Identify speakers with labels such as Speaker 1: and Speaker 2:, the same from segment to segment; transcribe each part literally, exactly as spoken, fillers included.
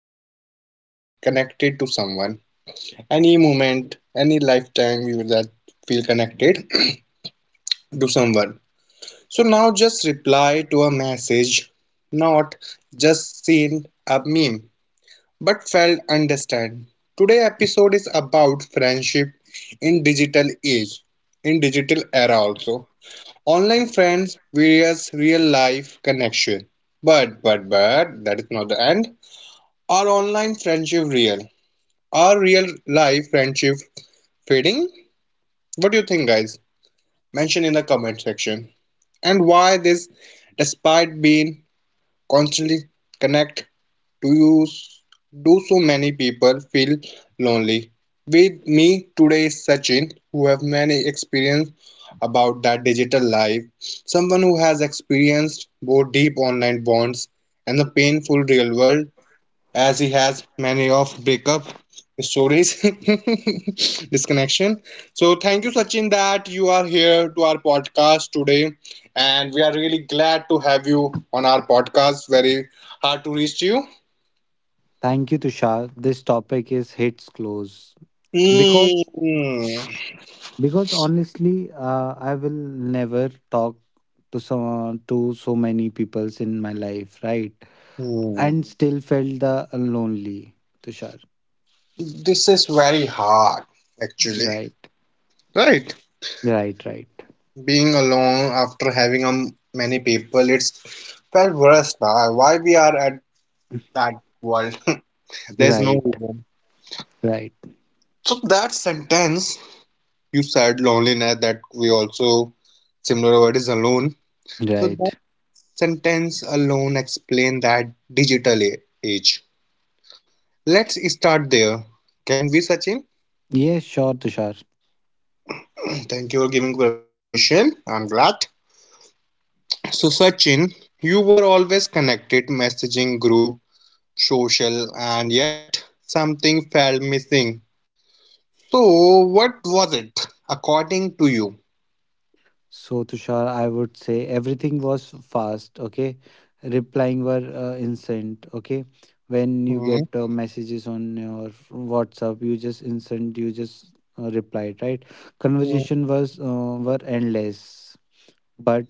Speaker 1: truly felt connected to someone? Any moment, any lifetime you that feel connected to someone. So now just reply to a message, not just send a meme. But failed. Understand. Today episode is about friendship in digital age, in digital era also. Online friends various real life connection. But but but that is not the end. Are online friendship real? Are real life friendship fading? What do you think, guys? Mention in the comment section. And why this despite being constantly connect? Do you do so many people feel lonely? With me today is Sachin, who have many experience about that digital life, someone who has experienced both deep online bonds and the painful real world, as he has many of breakup stories, disconnection. So thank you, Sachin, that you are here to our podcast today, and we are really glad to have you on our podcast. Very hard to reach you.
Speaker 2: Thank you, Tushar. This topic is hits close because
Speaker 1: Hmm.
Speaker 2: because honestly, uh, I will never talk to some to so many peoples in my life, right?
Speaker 1: Hmm.
Speaker 2: And still felt the lonely, Tushar.
Speaker 1: This is very hard, actually.
Speaker 2: Right,
Speaker 1: Right?
Speaker 2: right, right,
Speaker 1: Being alone after having um, many people, it's felt worse. Now. Why we are at that world? There's no
Speaker 2: right,
Speaker 1: reason.
Speaker 2: right,
Speaker 1: So that sentence you said loneliness that we also similar word is alone. So that
Speaker 2: right.
Speaker 1: sentence alone explain that digital a- age. Let's start there. Can we, Sachin?
Speaker 2: Yes, sure, Tushar.
Speaker 1: Thank you for giving permission. I'm glad. So, Sachin, you were always connected, messaging group, social, and yet something felt missing. So, what was it, according to you?
Speaker 2: So, Tushar, I would say everything was fast, okay? Replying were uh, instant, okay? When you
Speaker 1: Hmm,
Speaker 2: get uh, messages on your WhatsApp, you just instant, you just uh, replied, right? Conversation
Speaker 1: hmm,
Speaker 2: was uh, were endless, but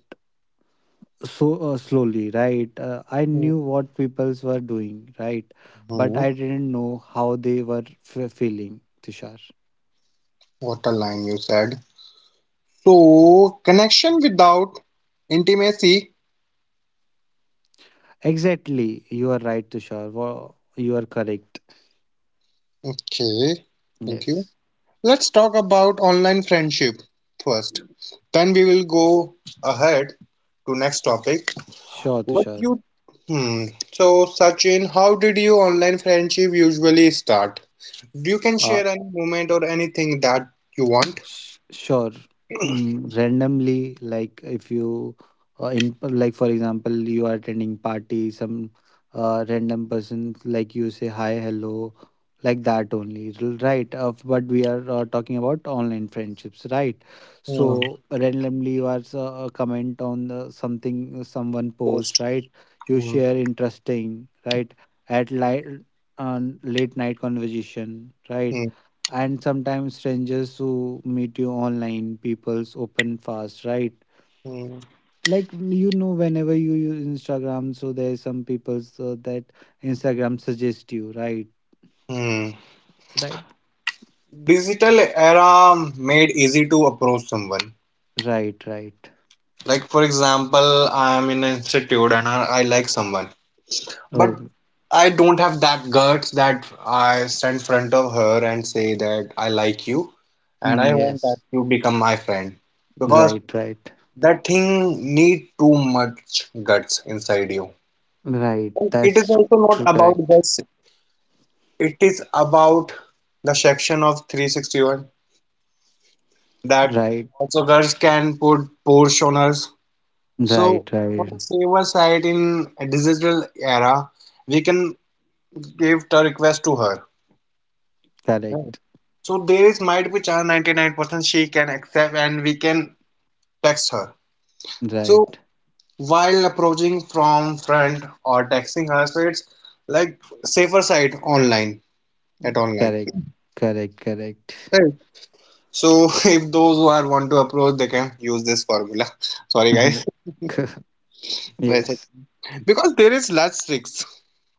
Speaker 2: so uh, slowly, right? Uh, I knew
Speaker 1: hmm,
Speaker 2: what peoples were doing, right? But
Speaker 1: hmm.
Speaker 2: I didn't know how they were f- feeling, Tushar.
Speaker 1: What a line you said. So, connection without intimacy.
Speaker 2: Exactly, you are right, Tushar. Wo- You are correct.
Speaker 1: Okay, thank you.
Speaker 2: Yes.
Speaker 1: Let's talk about online friendship first. Then we will go ahead to next topic.
Speaker 2: Sure,
Speaker 1: What
Speaker 2: Tushar.
Speaker 1: you hmm. So Sachin, how did your online friendship usually start? You can
Speaker 2: Uh,
Speaker 1: share any moment or anything that you want.
Speaker 2: sh- sure. Mm, randomly, like if you, uh, in like for example, you are attending party, some uh, random person like you say hi, hello, like that only, r- right? Uh, but we are uh, talking about online friendships, right?
Speaker 1: Hmm.
Speaker 2: So randomly, you are uh, uh, comment on uh, something uh, someone post,
Speaker 1: Post.
Speaker 2: right? You
Speaker 1: Hmm.
Speaker 2: share interesting, right? At light, uh, late night conversation, right?
Speaker 1: Hmm.
Speaker 2: And sometimes strangers who meet you online people's open fast, right.
Speaker 1: Hmm.
Speaker 2: Like you know, whenever you use Instagram, so there's some people, so that Instagram suggest you, right.
Speaker 1: Hmm.
Speaker 2: Right,
Speaker 1: Digital era made easy to approach someone.
Speaker 2: right, right.
Speaker 1: Like for example, I am in an institute and I, I like someone, but
Speaker 2: Oh.
Speaker 1: I don't have that guts that I stand in front of her and say that I like you and
Speaker 2: Mm,
Speaker 1: I want that
Speaker 2: yes.
Speaker 1: you become my friend because
Speaker 2: Right, right,
Speaker 1: that thing need too much guts inside you.
Speaker 2: right,
Speaker 1: It is
Speaker 2: that's
Speaker 1: also not
Speaker 2: true.
Speaker 1: about
Speaker 2: Correct.
Speaker 1: guts. It is about the section of three sixty one that
Speaker 2: Right,
Speaker 1: also guts can put Porsche on us. So
Speaker 2: right,
Speaker 1: for
Speaker 2: right.
Speaker 1: the saver side in a digital era, we can give the request to her. Right.
Speaker 2: Correct.
Speaker 1: So there is might be chance ninety-nine percent she can accept and we can text her. So
Speaker 2: Right.
Speaker 1: while approaching from front or texting her so it's like safer side online at online,
Speaker 2: Correct. Correct.
Speaker 1: right. So if those who are want to approach they can use this formula. Sorry guys.
Speaker 2: Correct.
Speaker 1: Wait a sec.
Speaker 2: Yes.
Speaker 1: Because there is less risks,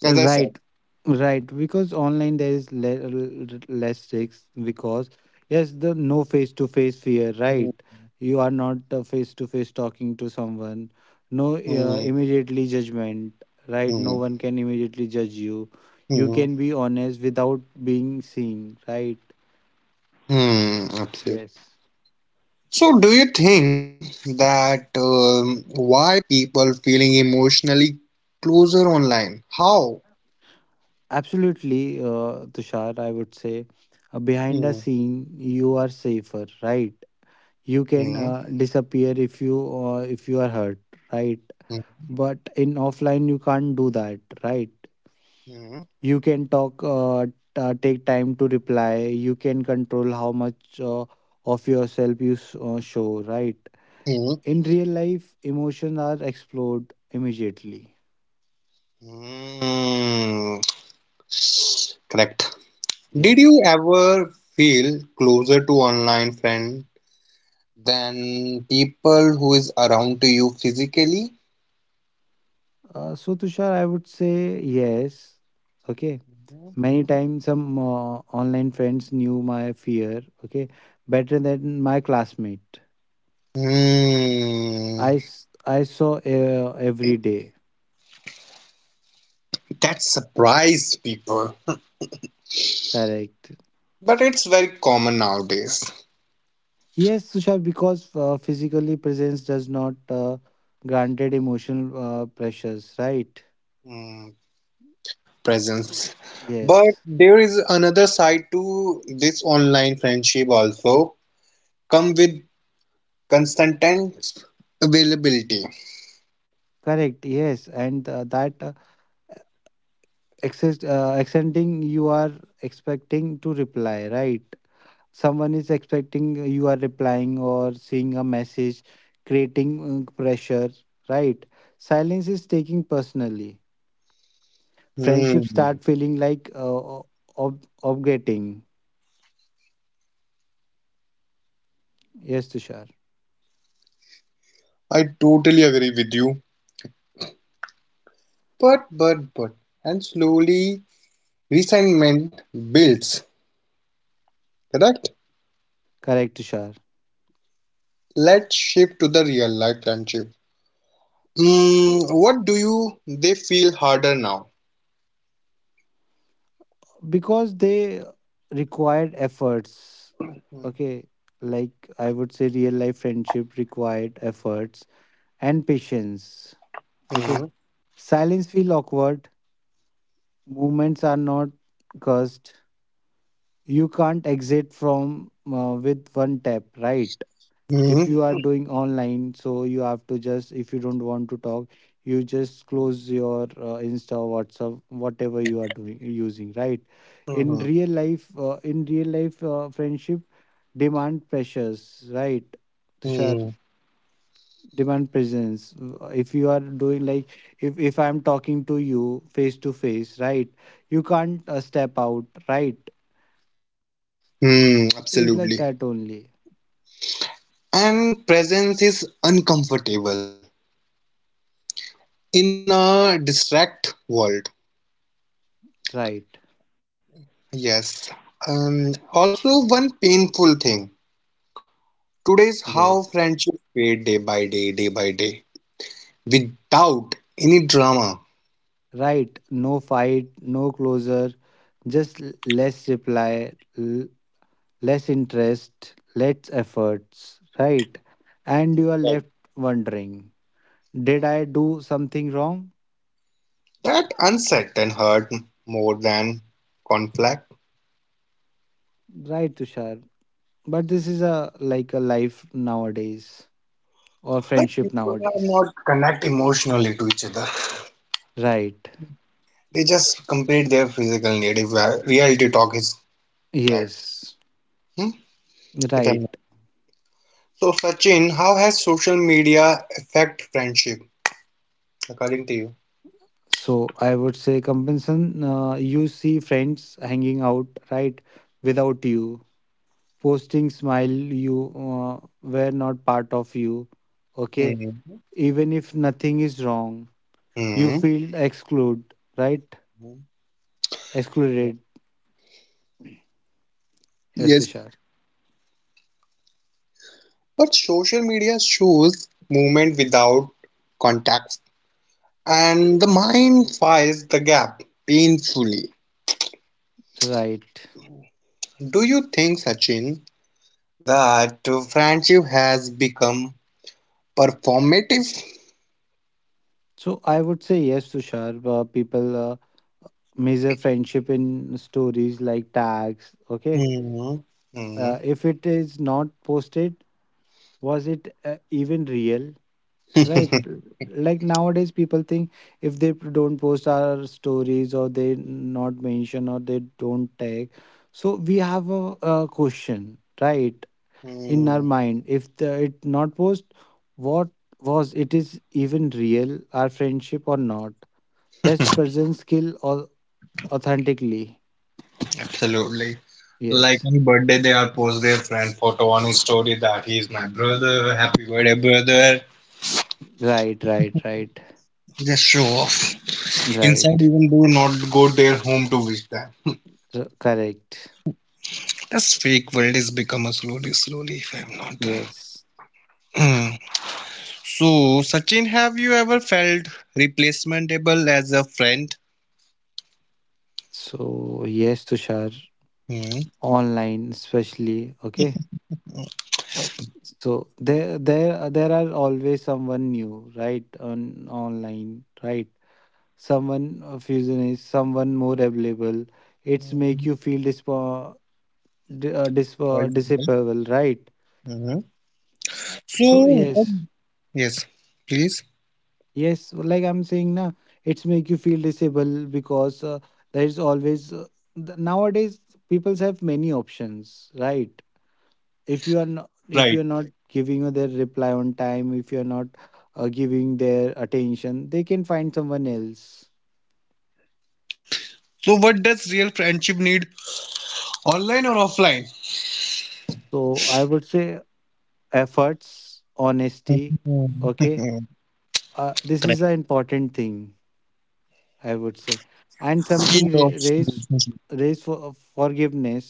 Speaker 1: as I said.
Speaker 2: Right, right. Because online there is le- l- less risks. Because yes, the no face to face fear.
Speaker 1: Hmm,
Speaker 2: Right, you are not face to face talking to someone. No
Speaker 1: hmm,
Speaker 2: uh, immediately judgment. Right,
Speaker 1: hmm,
Speaker 2: no one can immediately judge you. You
Speaker 1: hmm,
Speaker 2: can be honest without being seen. Right.
Speaker 1: hmm, absolutely.
Speaker 2: Yes.
Speaker 1: So do you think that um, why people feeling emotionally closer online? How?
Speaker 2: Absolutely, uh, Tushar. I would say, uh,
Speaker 1: Hmm,
Speaker 2: behind the scene, you are safer. Right, you
Speaker 1: hmm,
Speaker 2: can uh, disappear if you, uh, if you are hurt, right,
Speaker 1: hmm,
Speaker 2: but in offline you can't do that, right.
Speaker 1: hmm,
Speaker 2: You can talk uh, t- uh, take time to reply. You can control how much uh, of yourself you s- uh, show, right.
Speaker 1: hmm.
Speaker 2: In real life emotions are explored immediately.
Speaker 1: Hmm. Correct. Did you
Speaker 2: Yes.
Speaker 1: ever feel closer to online friend than people who is around to you physically?
Speaker 2: Uh, so Tushar, I would say yes, okay, many times. Some uh, online friends knew my fear, okay, better than my classmate
Speaker 1: Hmm.
Speaker 2: I, s- I saw uh, every day.
Speaker 1: That surprised people,
Speaker 2: Correct.
Speaker 1: but it's very common nowadays.
Speaker 2: Yes, Tushar, because uh, physically presence does not uh, granted emotional uh, pressures, right?
Speaker 1: Hmm. Presence. But
Speaker 2: Yes.
Speaker 1: there is another side to this online friendship also. Come with constant availability.
Speaker 2: Correct. Yes, and uh, that uh, access, uh, accenting you are expecting to reply, right? Someone is expecting you are replying or seeing a message, creating uh, pressure, right? Silence is taking personally. Friendships
Speaker 1: Hmm.
Speaker 2: start feeling like uh, ob- obligating. Yes, Tushar.
Speaker 1: I totally agree with you. But, but, but, and slowly resentment builds, correct?
Speaker 2: Correct, Tushar.
Speaker 1: Let's shift to the real life friendship. Mm, what do you they feel harder now?
Speaker 2: Because they required efforts.
Speaker 1: Hmm.
Speaker 2: Okay, like I would say, real life friendship required efforts and patience. Okay,
Speaker 1: Hmm.
Speaker 2: silence feel awkward. Movements are not cursed. You can't exit from uh, with one tap, right? If
Speaker 1: Hmm.
Speaker 2: you are doing online, so you have to just, if you don't want to talk, you just close your uh, insta, WhatsApp, whatever you are doing using, right. In real
Speaker 1: Hmm.
Speaker 2: life, uh, in real life uh, friendship demand pressures, right, Tushar.
Speaker 1: Hmm.
Speaker 2: Demand presence. Uh, if you are doing like, if if I'm talking to you face to face, right, you can't uh, step out, right.
Speaker 1: Hmm.
Speaker 2: It's like
Speaker 1: Absolutely.
Speaker 2: that only.
Speaker 1: And presence is uncomfortable in a distract world.
Speaker 2: Right.
Speaker 1: Yes. Um, also, one painful thing today's how
Speaker 2: Yes.
Speaker 1: friendships fade day by day, day by day, without any drama.
Speaker 2: Right, no fight, no closure, just l- less reply, l- less interest, less efforts, right? And you are
Speaker 1: Like,
Speaker 2: left wondering, did I do something wrong?
Speaker 1: that unset and hurt more than conflict.
Speaker 2: Right, Tushar. But this is a like a life nowadays or
Speaker 1: Like
Speaker 2: friendship
Speaker 1: people are
Speaker 2: nowadays.
Speaker 1: not connect emotionally to each other.
Speaker 2: Right.
Speaker 1: They just complete their physical need. If uh, reality talk is that,
Speaker 2: Yes.
Speaker 1: hmm? If
Speaker 2: Right.
Speaker 1: I'm so Sachin, how has social media affect friendship according to you?
Speaker 2: So I would say, compensation, uh, you see friends hanging out, right, without you posting smile, you uh, were not part of you, okay,
Speaker 1: Hmm,
Speaker 2: even if nothing is wrong, you
Speaker 1: hmm.
Speaker 2: feel excluded, right, excluded. Yes,
Speaker 1: Yes.
Speaker 2: Tushar.
Speaker 1: But social media shows movement without context, and the mind fills the gap painfully.
Speaker 2: Right.
Speaker 1: Do you think, Sachin, that friendship has become performative?
Speaker 2: So I would say yes, Tushar. uh, people uh, measure friendship in stories like tags, okay.
Speaker 1: Hmm.
Speaker 2: uh,
Speaker 1: Hmm.
Speaker 2: if it is not posted, was it uh, even real? Right. l- Like nowadays, people think if they p- don't post our stories, or they not mention, or they don't tag. So we have a, a question, right, in our
Speaker 1: Hmm.
Speaker 2: mind. If the, it not post, what was it is even real, our friendship or not? That's present skill or authentically.
Speaker 1: Absolutely. Like
Speaker 2: Yes.
Speaker 1: on birthday, they are post their friend photo on his story that he is my brother, happy birthday, brother.
Speaker 2: Right. Right. Right.
Speaker 1: Just show off. Inside,
Speaker 2: Right.
Speaker 1: even do not go their home to wish them.
Speaker 2: R- correct.
Speaker 1: This fake world is becoming slowly, slowly. If I'm not,
Speaker 2: Yes.
Speaker 1: uh, so Sachin, have you ever felt replacementable as a friend?
Speaker 2: So yes, Tushar.
Speaker 1: Hmm.
Speaker 2: Online especially, okay. So there there there are always someone new, right, on online, right. Someone uh, fusion is someone more available, it's
Speaker 1: Uh,
Speaker 2: make you feel dispo, di- uh, dis, uh,
Speaker 1: for
Speaker 2: disable, right.
Speaker 1: mhm.
Speaker 2: Uh, so
Speaker 1: So what?
Speaker 2: yes.
Speaker 1: Yes, please.
Speaker 2: Yes, like I'm saying now, it's make you feel disable because uh, there is always, uh, th- nowadays people have many options, right. If you are not,
Speaker 1: Right.
Speaker 2: if you are not giving their reply on time, if you are not uh, giving their attention, they can find someone else.
Speaker 1: So what does real friendship need, online or offline?
Speaker 2: So I would say, efforts, honesty,
Speaker 1: Mhm.
Speaker 2: okay. uh, this is the
Speaker 1: Correct.
Speaker 2: important thing I would say, and
Speaker 1: Key
Speaker 2: something
Speaker 1: of
Speaker 2: ra- raise,
Speaker 1: relationship.
Speaker 2: raise for forgiveness,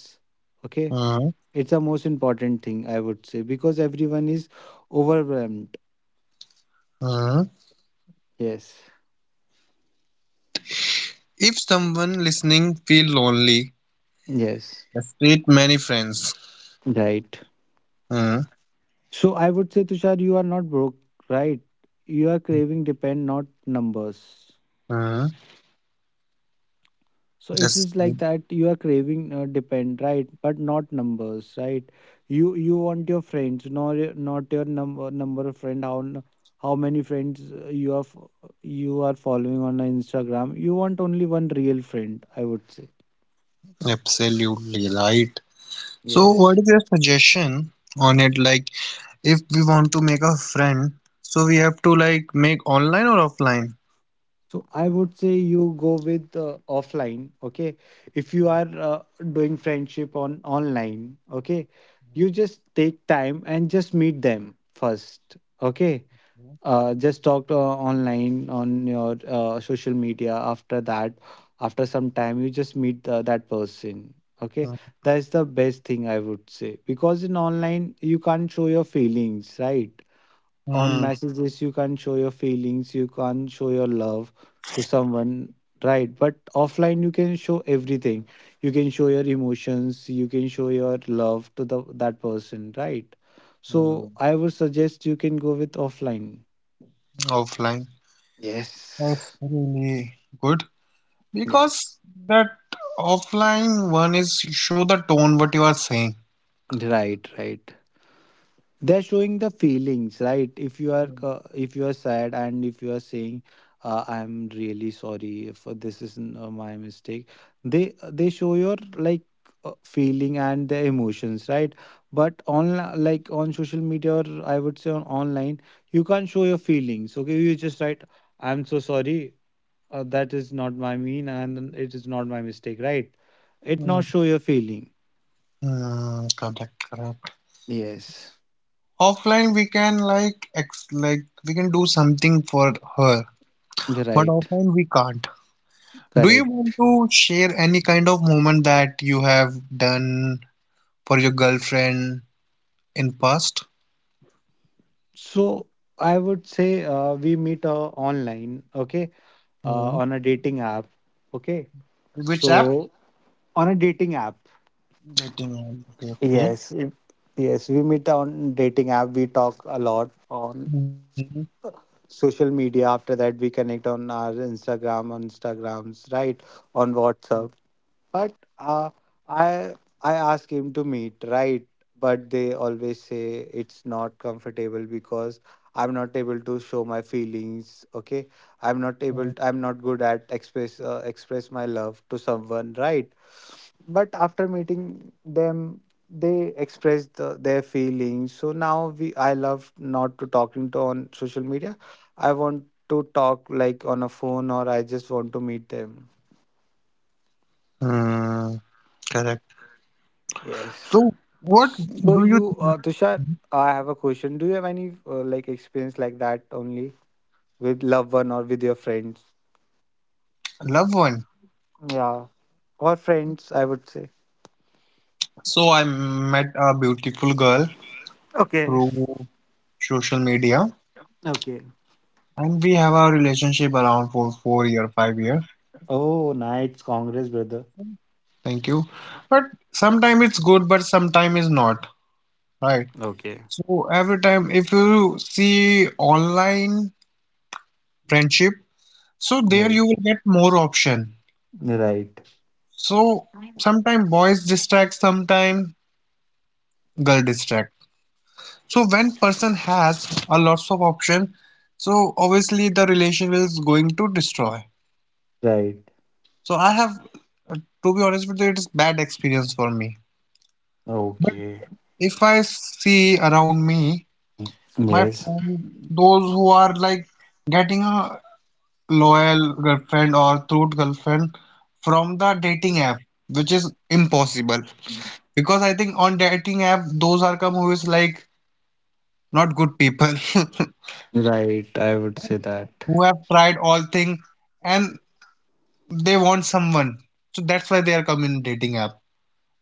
Speaker 2: okay.
Speaker 1: Uh-huh.
Speaker 2: It's the most important thing I would say, because everyone is overwhelmed.
Speaker 1: Uh-huh.
Speaker 2: Yes.
Speaker 1: If someone listening feel lonely,
Speaker 2: Yes.
Speaker 1: just treat many friends.
Speaker 2: Right.
Speaker 1: Uh-huh.
Speaker 2: So I would say, Tushar, you are not broke, right? You are craving depend, not numbers.
Speaker 1: Uh-huh.
Speaker 2: So it
Speaker 1: Yes.
Speaker 2: is like that you are craving uh, depend, right? But not numbers, right? You you want your friends, not your- not your number number of friend. How n- how many friends uh, you are f- you are following on Instagram? You want only one real friend, I would say.
Speaker 1: Absolutely right. So, what
Speaker 2: Yes.
Speaker 1: is your suggestion on it? Like, if we want to make a friend, so we have to like make online or offline?
Speaker 2: So I would say you go with uh, offline, okay? If you are uh, doing friendship on online, okay? You just take time and just meet them first, okay? Uh, just talk uh, online on your uh, social media. After that, after some time, you just meet uh, that person, okay?
Speaker 1: Mhm,
Speaker 2: That's the best thing I would say, because in online you can't show your feelings, right? On
Speaker 1: hmm,
Speaker 2: messages you can't show your feelings, you can't show your love to someone, right. But offline you can show everything, you can show your emotions, you can show your love to the that person, right.
Speaker 1: hmm
Speaker 2: So I would suggest you can go with offline.
Speaker 1: offline. That's
Speaker 2: Yes.
Speaker 1: really good because
Speaker 2: Yes.
Speaker 1: that offline one is show the tone what you are saying.
Speaker 2: Right. Right, they're showing the feelings, right. If you are
Speaker 1: Mm,
Speaker 2: uh, if you are sad, and if you are saying uh, I'm really sorry, if this is uh, my mistake, they uh, they show your like uh, feeling and the emotions, right. But on like on social media, or I would say on online, you can't show your feelings, okay. You just write, I'm so sorry, uh, that is not my mean, and it is not my mistake, right. It
Speaker 1: hmm,
Speaker 2: not show your feeling.
Speaker 1: hmm, correct, correct.
Speaker 2: Yes.
Speaker 1: Offline we can like ex like we can do something for her, but
Speaker 2: Right.
Speaker 1: offline we can't. Do you
Speaker 2: Correct.
Speaker 1: want to share any kind of moment that you have done for your girlfriend in past?
Speaker 2: So I would say uh, we meet uh, online, okay, uh,
Speaker 1: Hmm.
Speaker 2: on a dating app, okay.
Speaker 1: Which app?
Speaker 2: So on a dating app,
Speaker 1: Dating app. Okay. Okay.
Speaker 2: yes, it- yes, we meet on dating app. We talk a lot on
Speaker 1: Mhm.
Speaker 2: social media. After that we connect on our Instagram, on Instagrams, right, on WhatsApp, but uh, i i ask him to meet, right, but they always say it's not comfortable because I'm not able to show my feelings, okay. I'm not
Speaker 1: Hmm.
Speaker 2: able, I'm not good at express, uh, express my love to someone, right. But after meeting them, they expressed the, their feelings, so now we I love not to talking to on social media. I want to talk like on a phone, or I just want to meet them.
Speaker 1: Hmm, correct.
Speaker 2: Yes.
Speaker 1: So, what
Speaker 2: So
Speaker 1: do you
Speaker 2: you uh, Tushar, I have a question, do you have any uh, like experience like that only, with loved one or with your friends?
Speaker 1: love one?
Speaker 2: Yeah, or friends I would say.
Speaker 1: So I met a beautiful girl
Speaker 2: Okay.
Speaker 1: through social media,
Speaker 2: Okay.
Speaker 1: and we have a relationship around for four year, five year.
Speaker 2: Oh, nice. Congress, brother.
Speaker 1: Thank you. But sometimes it's good, but sometimes it's not. Right.
Speaker 2: Okay.
Speaker 1: So every time if you see online friendship, so there you
Speaker 2: Yes.
Speaker 1: will get more option.
Speaker 2: Right.
Speaker 1: So sometimes boys distract, sometime girl distract. So when person has a lots of option, so obviously the relation is going to destroy.
Speaker 2: Right.
Speaker 1: So I have, uh, to be honest with you, it is bad experience for me. But
Speaker 2: Okay.
Speaker 1: if I see around me, my
Speaker 2: Yes.
Speaker 1: friend, those who are like getting a loyal girlfriend or true girlfriend from the dating app, which is impossible. Because I think on dating app, those are come who is like not good people,
Speaker 2: Right. I would say that.
Speaker 1: who have tried all thing and they want someone. So that's why they are coming in dating app,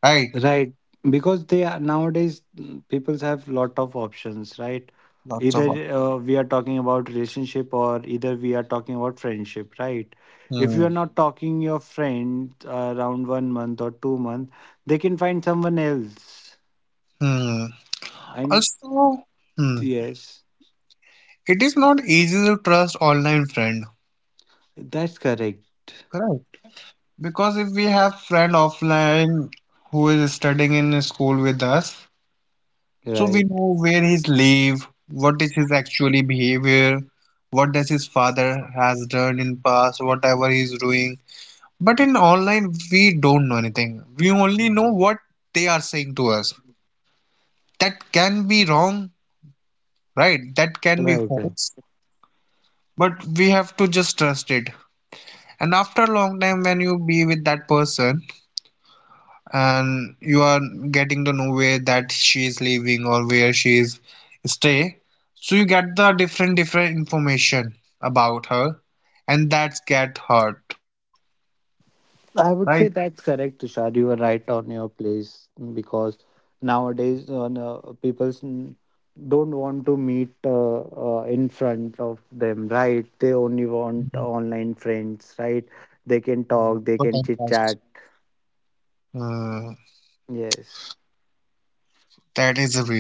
Speaker 1: right?
Speaker 2: Right. Because they are nowadays, people have lot of options, right?
Speaker 1: Lots of op-
Speaker 2: Either uh, we are talking about relationship, or either we are talking about friendship, right? If you
Speaker 1: hmm.
Speaker 2: are not talking your friend uh, around one month or two month, they can find someone else.
Speaker 1: Hmm.
Speaker 2: I'm,
Speaker 1: Also, hmm.
Speaker 2: yes,
Speaker 1: It is not easy to trust online friend,
Speaker 2: that's correct.
Speaker 1: correct? Because if we have friend offline who is studying in a school with us, so we
Speaker 2: Right.
Speaker 1: know where he's live, what is his actually behavior, what does his father has done in past, whatever he's doing. But in online we don't know anything. We only know what they are saying to us. That can be wrong, right? That can be
Speaker 2: Right.
Speaker 1: false. But we have to just trust it. And after a long time when you be with that person, and you are getting to know where that she is living or where she is stay, so you get the different different information about her and that's get hurt,
Speaker 2: I
Speaker 1: right.
Speaker 2: would say that's correct, Tushar. You were right on your place because nowadays on uh, no- people s- don't want to meet uh, uh, in front of them, right? They only want online friends, right? They
Speaker 1: Mm.
Speaker 2: can
Speaker 1: For
Speaker 2: talk,
Speaker 1: time
Speaker 2: they can
Speaker 1: pass.
Speaker 2: chit chat.
Speaker 1: Uh,
Speaker 2: Yes.
Speaker 1: that is the reason.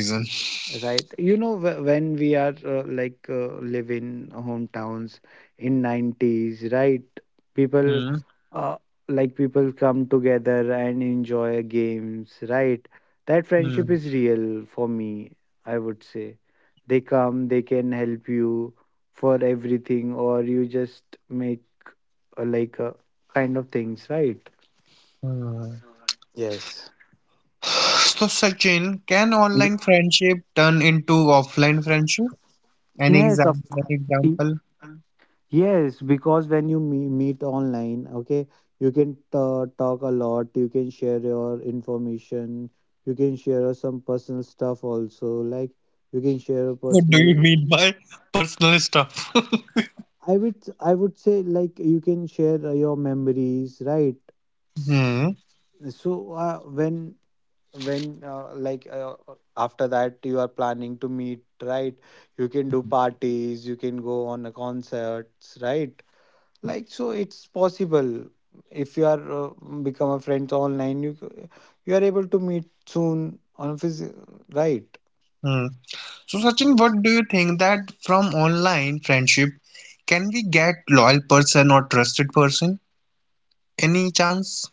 Speaker 2: Right. You know, wh- when we are uh, like uh, live in hometowns in nineties, right?
Speaker 1: Mm.
Speaker 2: People uh, like people come together and enjoy games, right? That
Speaker 1: Mm.
Speaker 2: friendship is real for me, I would say. They come, they can help you for everything, or you just make uh, like a kind of things, right?
Speaker 1: Hmm.
Speaker 2: Yes.
Speaker 1: So Sachin, can online friendship turn into offline friendship? An
Speaker 2: Yes, of
Speaker 1: example, an
Speaker 2: course.
Speaker 1: example.
Speaker 2: Yes, because when you me- meet online, okay, you can ta talk a lot, you can share your information, you can share some personal stuff also, like you can share a
Speaker 1: What do you
Speaker 2: personal,
Speaker 1: mean by personal stuff?
Speaker 2: I would I would say, like you can share uh, your memories, right?
Speaker 1: Hmm,
Speaker 2: So uh, when when uh, like uh, uh, after that you are planning to meet, right? You can do parties, you can go on a concerts, right? Like so it's possible if you are uh, become a friends online you c- you are able to meet soon on phys- right.
Speaker 1: hmm. So, Sachin, what
Speaker 2: Yes.
Speaker 1: do you think that from online friendship can we get loyal person or trusted person? Any chance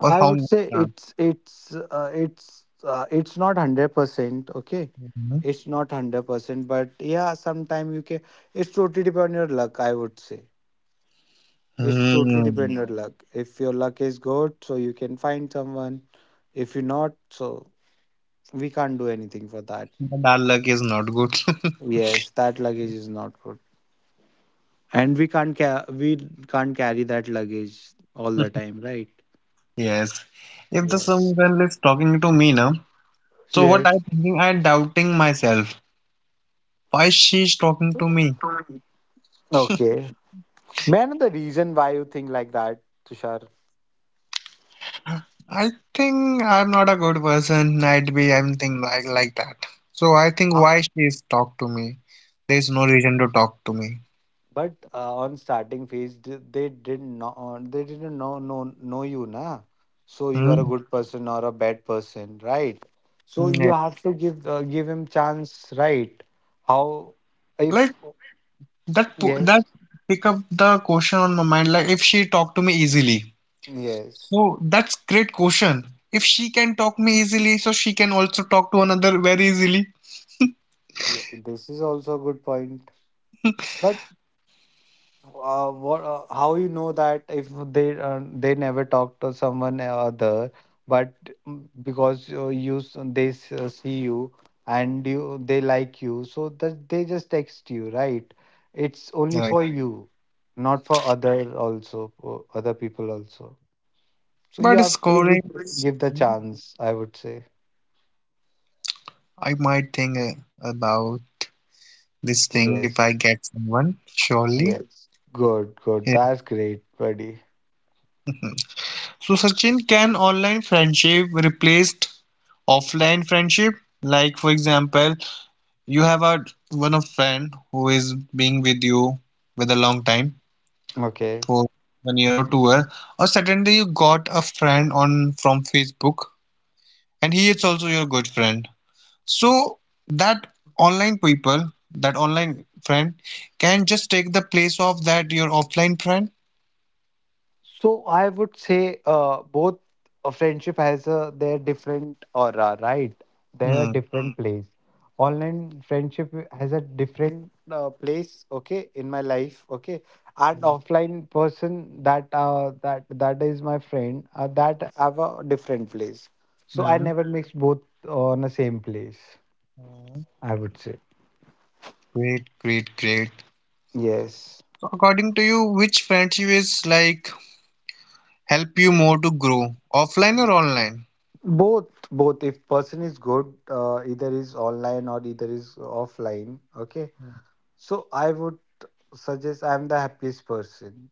Speaker 1: or
Speaker 2: I
Speaker 1: how
Speaker 2: would
Speaker 1: much
Speaker 2: say
Speaker 1: chance?
Speaker 2: it's it's uh, it's uh, it's not one hundred percent okay.
Speaker 1: Mhm.
Speaker 2: It's not one hundred percent, but yeah, sometime you can. It's totally depend on your luck, I would say. It's totally
Speaker 1: Hmm.
Speaker 2: depend on your luck. If your luck is good, so you can find someone. If you not, so we can't do anything for that.
Speaker 1: But our luck is not good.
Speaker 2: Yes, that luggage is not good, and we can't ca- we can't carry that luggage all the time, right?
Speaker 1: Yes. If the
Speaker 2: Yes.
Speaker 1: someone is talking to me now, so what I
Speaker 2: Yes.
Speaker 1: thinking, I doubting myself. Why she's talking to me?
Speaker 2: Okay. May I know the reason why you think like that, Tushar?
Speaker 1: I think I'm not a good person. I'd be I'm thinking like like that. So I think
Speaker 2: Ah.
Speaker 1: why she's talk to me? There's no reason to talk to me.
Speaker 2: But uh, on starting phase, d- they didn't know. uh, They didn't know know know you, na. So you are a
Speaker 1: Hmm.
Speaker 2: good person or a bad person, right? So
Speaker 1: Yeah.
Speaker 2: you have to give uh, give him chance, right? How, if,
Speaker 1: Like that po-
Speaker 2: yes,
Speaker 1: that pick up the question on my mind. Like if she talk to me easily,
Speaker 2: yes,
Speaker 1: so that's great question. If she can talk me easily, so she can also talk to another very easily.
Speaker 2: yeah, this is also a good point. But uh, what uh, how you know that if they uh, they never talk to someone other, but mm, because uh, you s- they s- uh, see you and you they like you, so that they just text you, right? It's only
Speaker 1: Right.
Speaker 2: for, right, you, not for other, also for other people also. So you
Speaker 1: But
Speaker 2: have to give,
Speaker 1: scoring,
Speaker 2: it, give the
Speaker 1: hmm,
Speaker 2: chance, I would say.
Speaker 1: I might think uh, about this thing if I
Speaker 2: Yes,
Speaker 1: get someone. Surely.
Speaker 2: yes. Good, good,
Speaker 1: Yeah.
Speaker 2: that's great, buddy.
Speaker 1: So Sachin, can online friendship replaced offline friendship? Like for example, you have a one of friend who is being with you with a long time
Speaker 2: Okay.
Speaker 1: for one year or two year, or suddenly you got a friend on from Facebook and he is also your good friend. So that online people, that online friend can just take the place of that your offline friend.
Speaker 2: So I would say uh, both a friendship has a their different aura, right? There are, mm,
Speaker 1: Hmm.
Speaker 2: different place. Online friendship has a different uh, place, okay, in my life, okay. And
Speaker 1: Hmm.
Speaker 2: offline person that uh, that that is my friend, uh, that have a different place. So I
Speaker 1: Hmm.
Speaker 2: never mix both on the same place,
Speaker 1: Hmm.
Speaker 2: I would say.
Speaker 1: Great, great, great.
Speaker 2: Yes,
Speaker 1: So according to you, which friendship is like help you more to grow, offline or online?
Speaker 2: both, both. If person is good, uh, either is online or either is offline, okay. So I would suggest I'm the happiest person.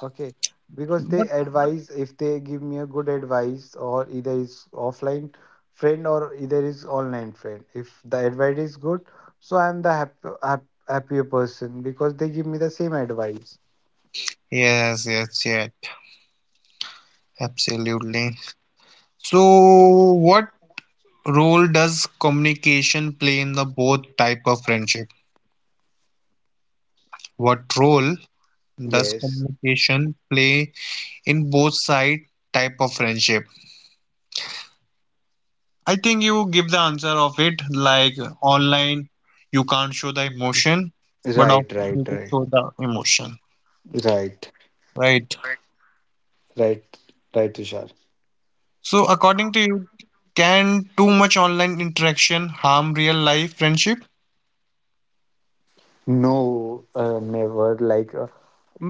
Speaker 2: Okay. Because they advise, if they give me a good advice, or either is offline friend or either is online friend, if the advice is good, so I'm the hap- hap- happier person, because they give me the same advice.
Speaker 1: Yes, yes, yes, absolutely. So, what role does communication play in the both type of friendship? What role does
Speaker 2: Yes.
Speaker 1: communication play in both side type of friendship? I think you give the answer of it like online you can't show the emotion, but
Speaker 2: Right,
Speaker 1: offline
Speaker 2: right,
Speaker 1: you can
Speaker 2: right.
Speaker 1: show the emotion,
Speaker 2: Right.
Speaker 1: right?
Speaker 2: Right. Right, Tushar.
Speaker 1: So, according to you, can too much online interaction harm real life friendship?
Speaker 2: No, uh, never. Like uh,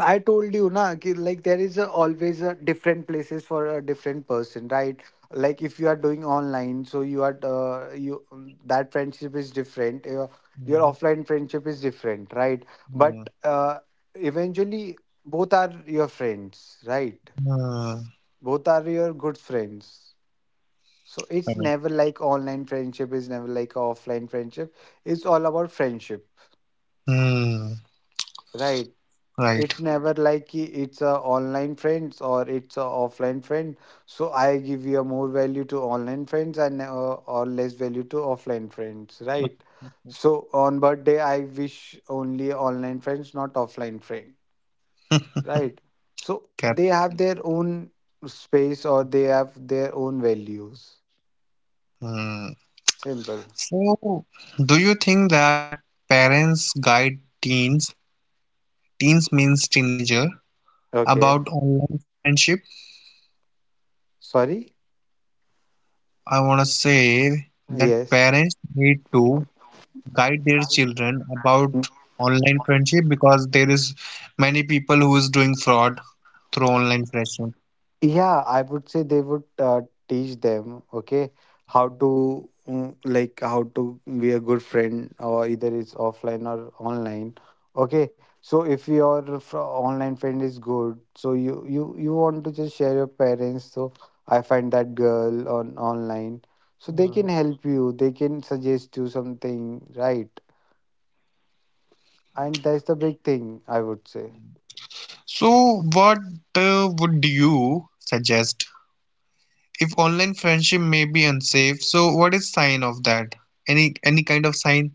Speaker 2: I told you, na, ki, like there is a, always a different places for a different person, right? Like if you are doing online, so you are uh, you um, that friendship is different. Your your offline friendship is different, right?
Speaker 1: Mhm.
Speaker 2: But uh, eventually, both are your friends, right?
Speaker 1: Hmm.
Speaker 2: Both are your good friends. So it's
Speaker 1: Correct.
Speaker 2: never like online friendship is never like offline friendship. It's all about friendship,
Speaker 1: Hmm.
Speaker 2: right.
Speaker 1: Right.
Speaker 2: It's never like कि it's a online friends or it's a offline friend, so I give you a more value to online friends, and uh, or less value to offline friends, right? So on birthday I wish only online friends, not offline friend, right? So
Speaker 1: Cap.
Speaker 2: they have their own space, or they have their own values.
Speaker 1: Hmm.
Speaker 2: Simple.
Speaker 1: So, do you think that parents guide teens, teens means teenager, about
Speaker 2: Okay.
Speaker 1: online friendship?
Speaker 2: Sorry.
Speaker 1: I want to say that
Speaker 2: Yes.
Speaker 1: parents need to guide their children about online friendship because there is many people who is doing fraud through online friendship.
Speaker 2: Yeah, I would say they would uh, teach them, okay, how to, mm, like how to be a good friend, or either it's offline or online. Okay, so if your fr- online friend is good, so you you you want to just share your parents. So I find that girl on online, so they can
Speaker 1: Hmm.
Speaker 2: help you. They can suggest you something, right? And that's the big thing, I would say.
Speaker 1: So, what uh, would you suggest if online friendship may be unsafe, so what is sign of that? Any any kind of sign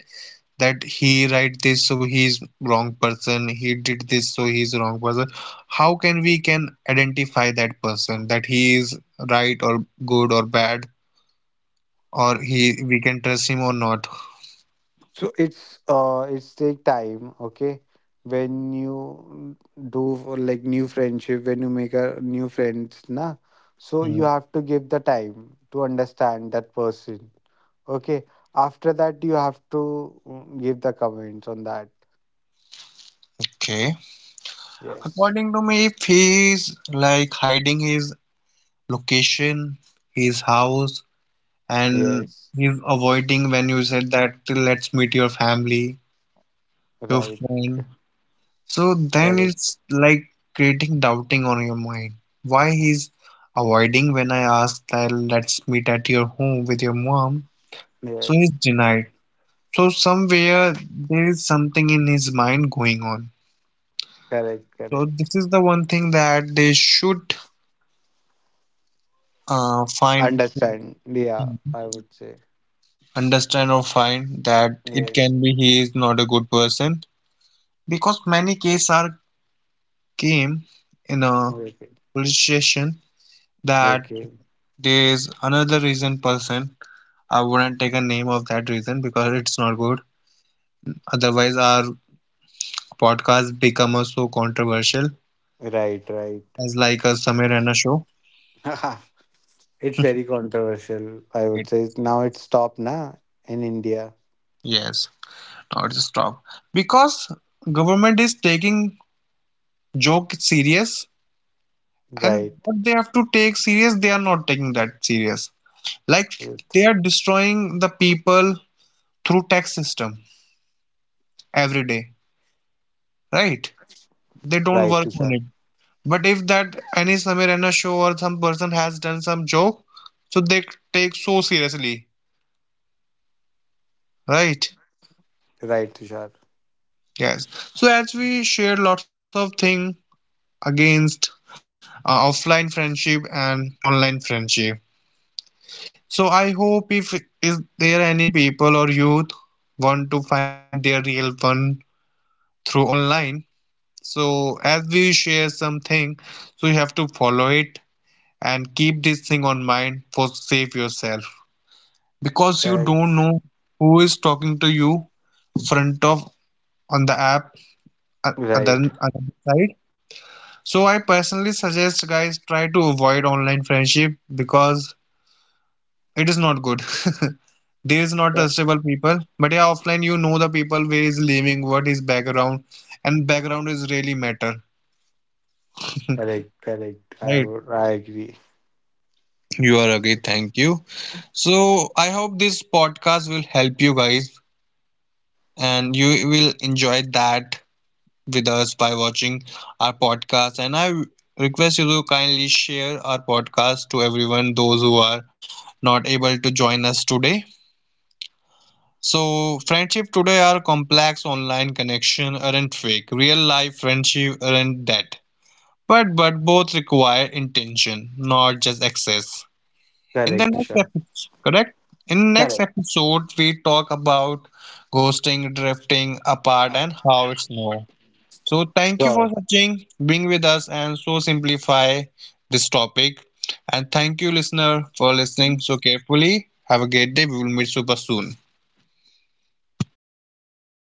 Speaker 1: that he write this so he's wrong person, he did this so he's wrong person? How can we can identify that person that he is right or good or bad, or he we can trust him or not?
Speaker 2: So it's uh it's take time, okay? When you do for, like, new friendship, when you make a new friends, na, so you have to give the time to understand that person, okay? After that, you have to, mm, give the comments on that.
Speaker 1: Okay,
Speaker 2: Yes,
Speaker 1: according to me, if he is like hiding his location, his house, and
Speaker 2: yes,
Speaker 1: he's avoiding when you said that let's meet your family, you're
Speaker 2: right, c-
Speaker 1: fine. So then
Speaker 2: correct.
Speaker 1: it's like creating doubting on your mind. Why he's avoiding when I ask that let's meet at your home with your mom? So he's
Speaker 2: Yes,
Speaker 1: denied. So somewhere there is something in his mind going on.
Speaker 2: correct,
Speaker 1: So
Speaker 2: correct.
Speaker 1: this is the one thing that they should uh, find,
Speaker 2: Understand? Yeah, I would say
Speaker 1: understand or find that it
Speaker 2: yes.
Speaker 1: can be he is not a good person, because many cases are came in a
Speaker 2: Okay,
Speaker 1: police station that
Speaker 2: okay,
Speaker 1: there's another reason person. I wouldn't take a name of that reason because it's not good. Otherwise, our podcast become so controversial
Speaker 2: right, right.
Speaker 1: as like a Samir and show.
Speaker 2: It's very controversial, I
Speaker 1: It
Speaker 2: would say. Now it's stopped, na, in India.
Speaker 1: yes, not stop because government is taking joke serious, and
Speaker 2: Right.
Speaker 1: what they have to take serious, they are not taking that serious. Like
Speaker 2: With-
Speaker 1: they are destroying the people through tax system every day, right? They don't
Speaker 2: Right,
Speaker 1: work on
Speaker 2: Tushar.
Speaker 1: it. But if that any Samir Raina show or some person has done some joke, so they take so seriously, right?
Speaker 2: Right, Tushar.
Speaker 1: Yes. So as we shared lots of thing against uh, offline friendship and online friendship. So I hope if is there any people or youth want to find their real one through online. So as we share something, so you have to follow it and keep this thing on mind for save yourself, because you
Speaker 2: Correct.
Speaker 1: don't know who is talking to you front of on the app, uh, other
Speaker 2: Right.
Speaker 1: other side. So I personally suggest guys, try to avoid online friendship because it is not good. There is not
Speaker 2: Yeah.
Speaker 1: trustable people, but yeah, offline you know the people where is living, what is background, and background is really matter,
Speaker 2: Correct, correct. I
Speaker 1: right?
Speaker 2: would I agree.
Speaker 1: You are okay, thank you. So I hope this podcast will help you guys and you will enjoy that with us by watching our podcast. And I request you to kindly share our podcast to everyone, those who are not able to join us today. So, friendship today are complex, online connection aren't fake. Real life friendship aren't that. But but both require intention, not just access. In the
Speaker 2: Correct,
Speaker 1: next
Speaker 2: Tushar.
Speaker 1: episode, correct? In next
Speaker 2: Correct.
Speaker 1: episode, we talk about ghosting, drifting apart, and how it's known. So, thank you for
Speaker 2: Sure.
Speaker 1: watching, being with us, and so simplify this topic. And thank you, listener, for listening so carefully. Have a great day. We will meet super soon.
Speaker 2: Thank you.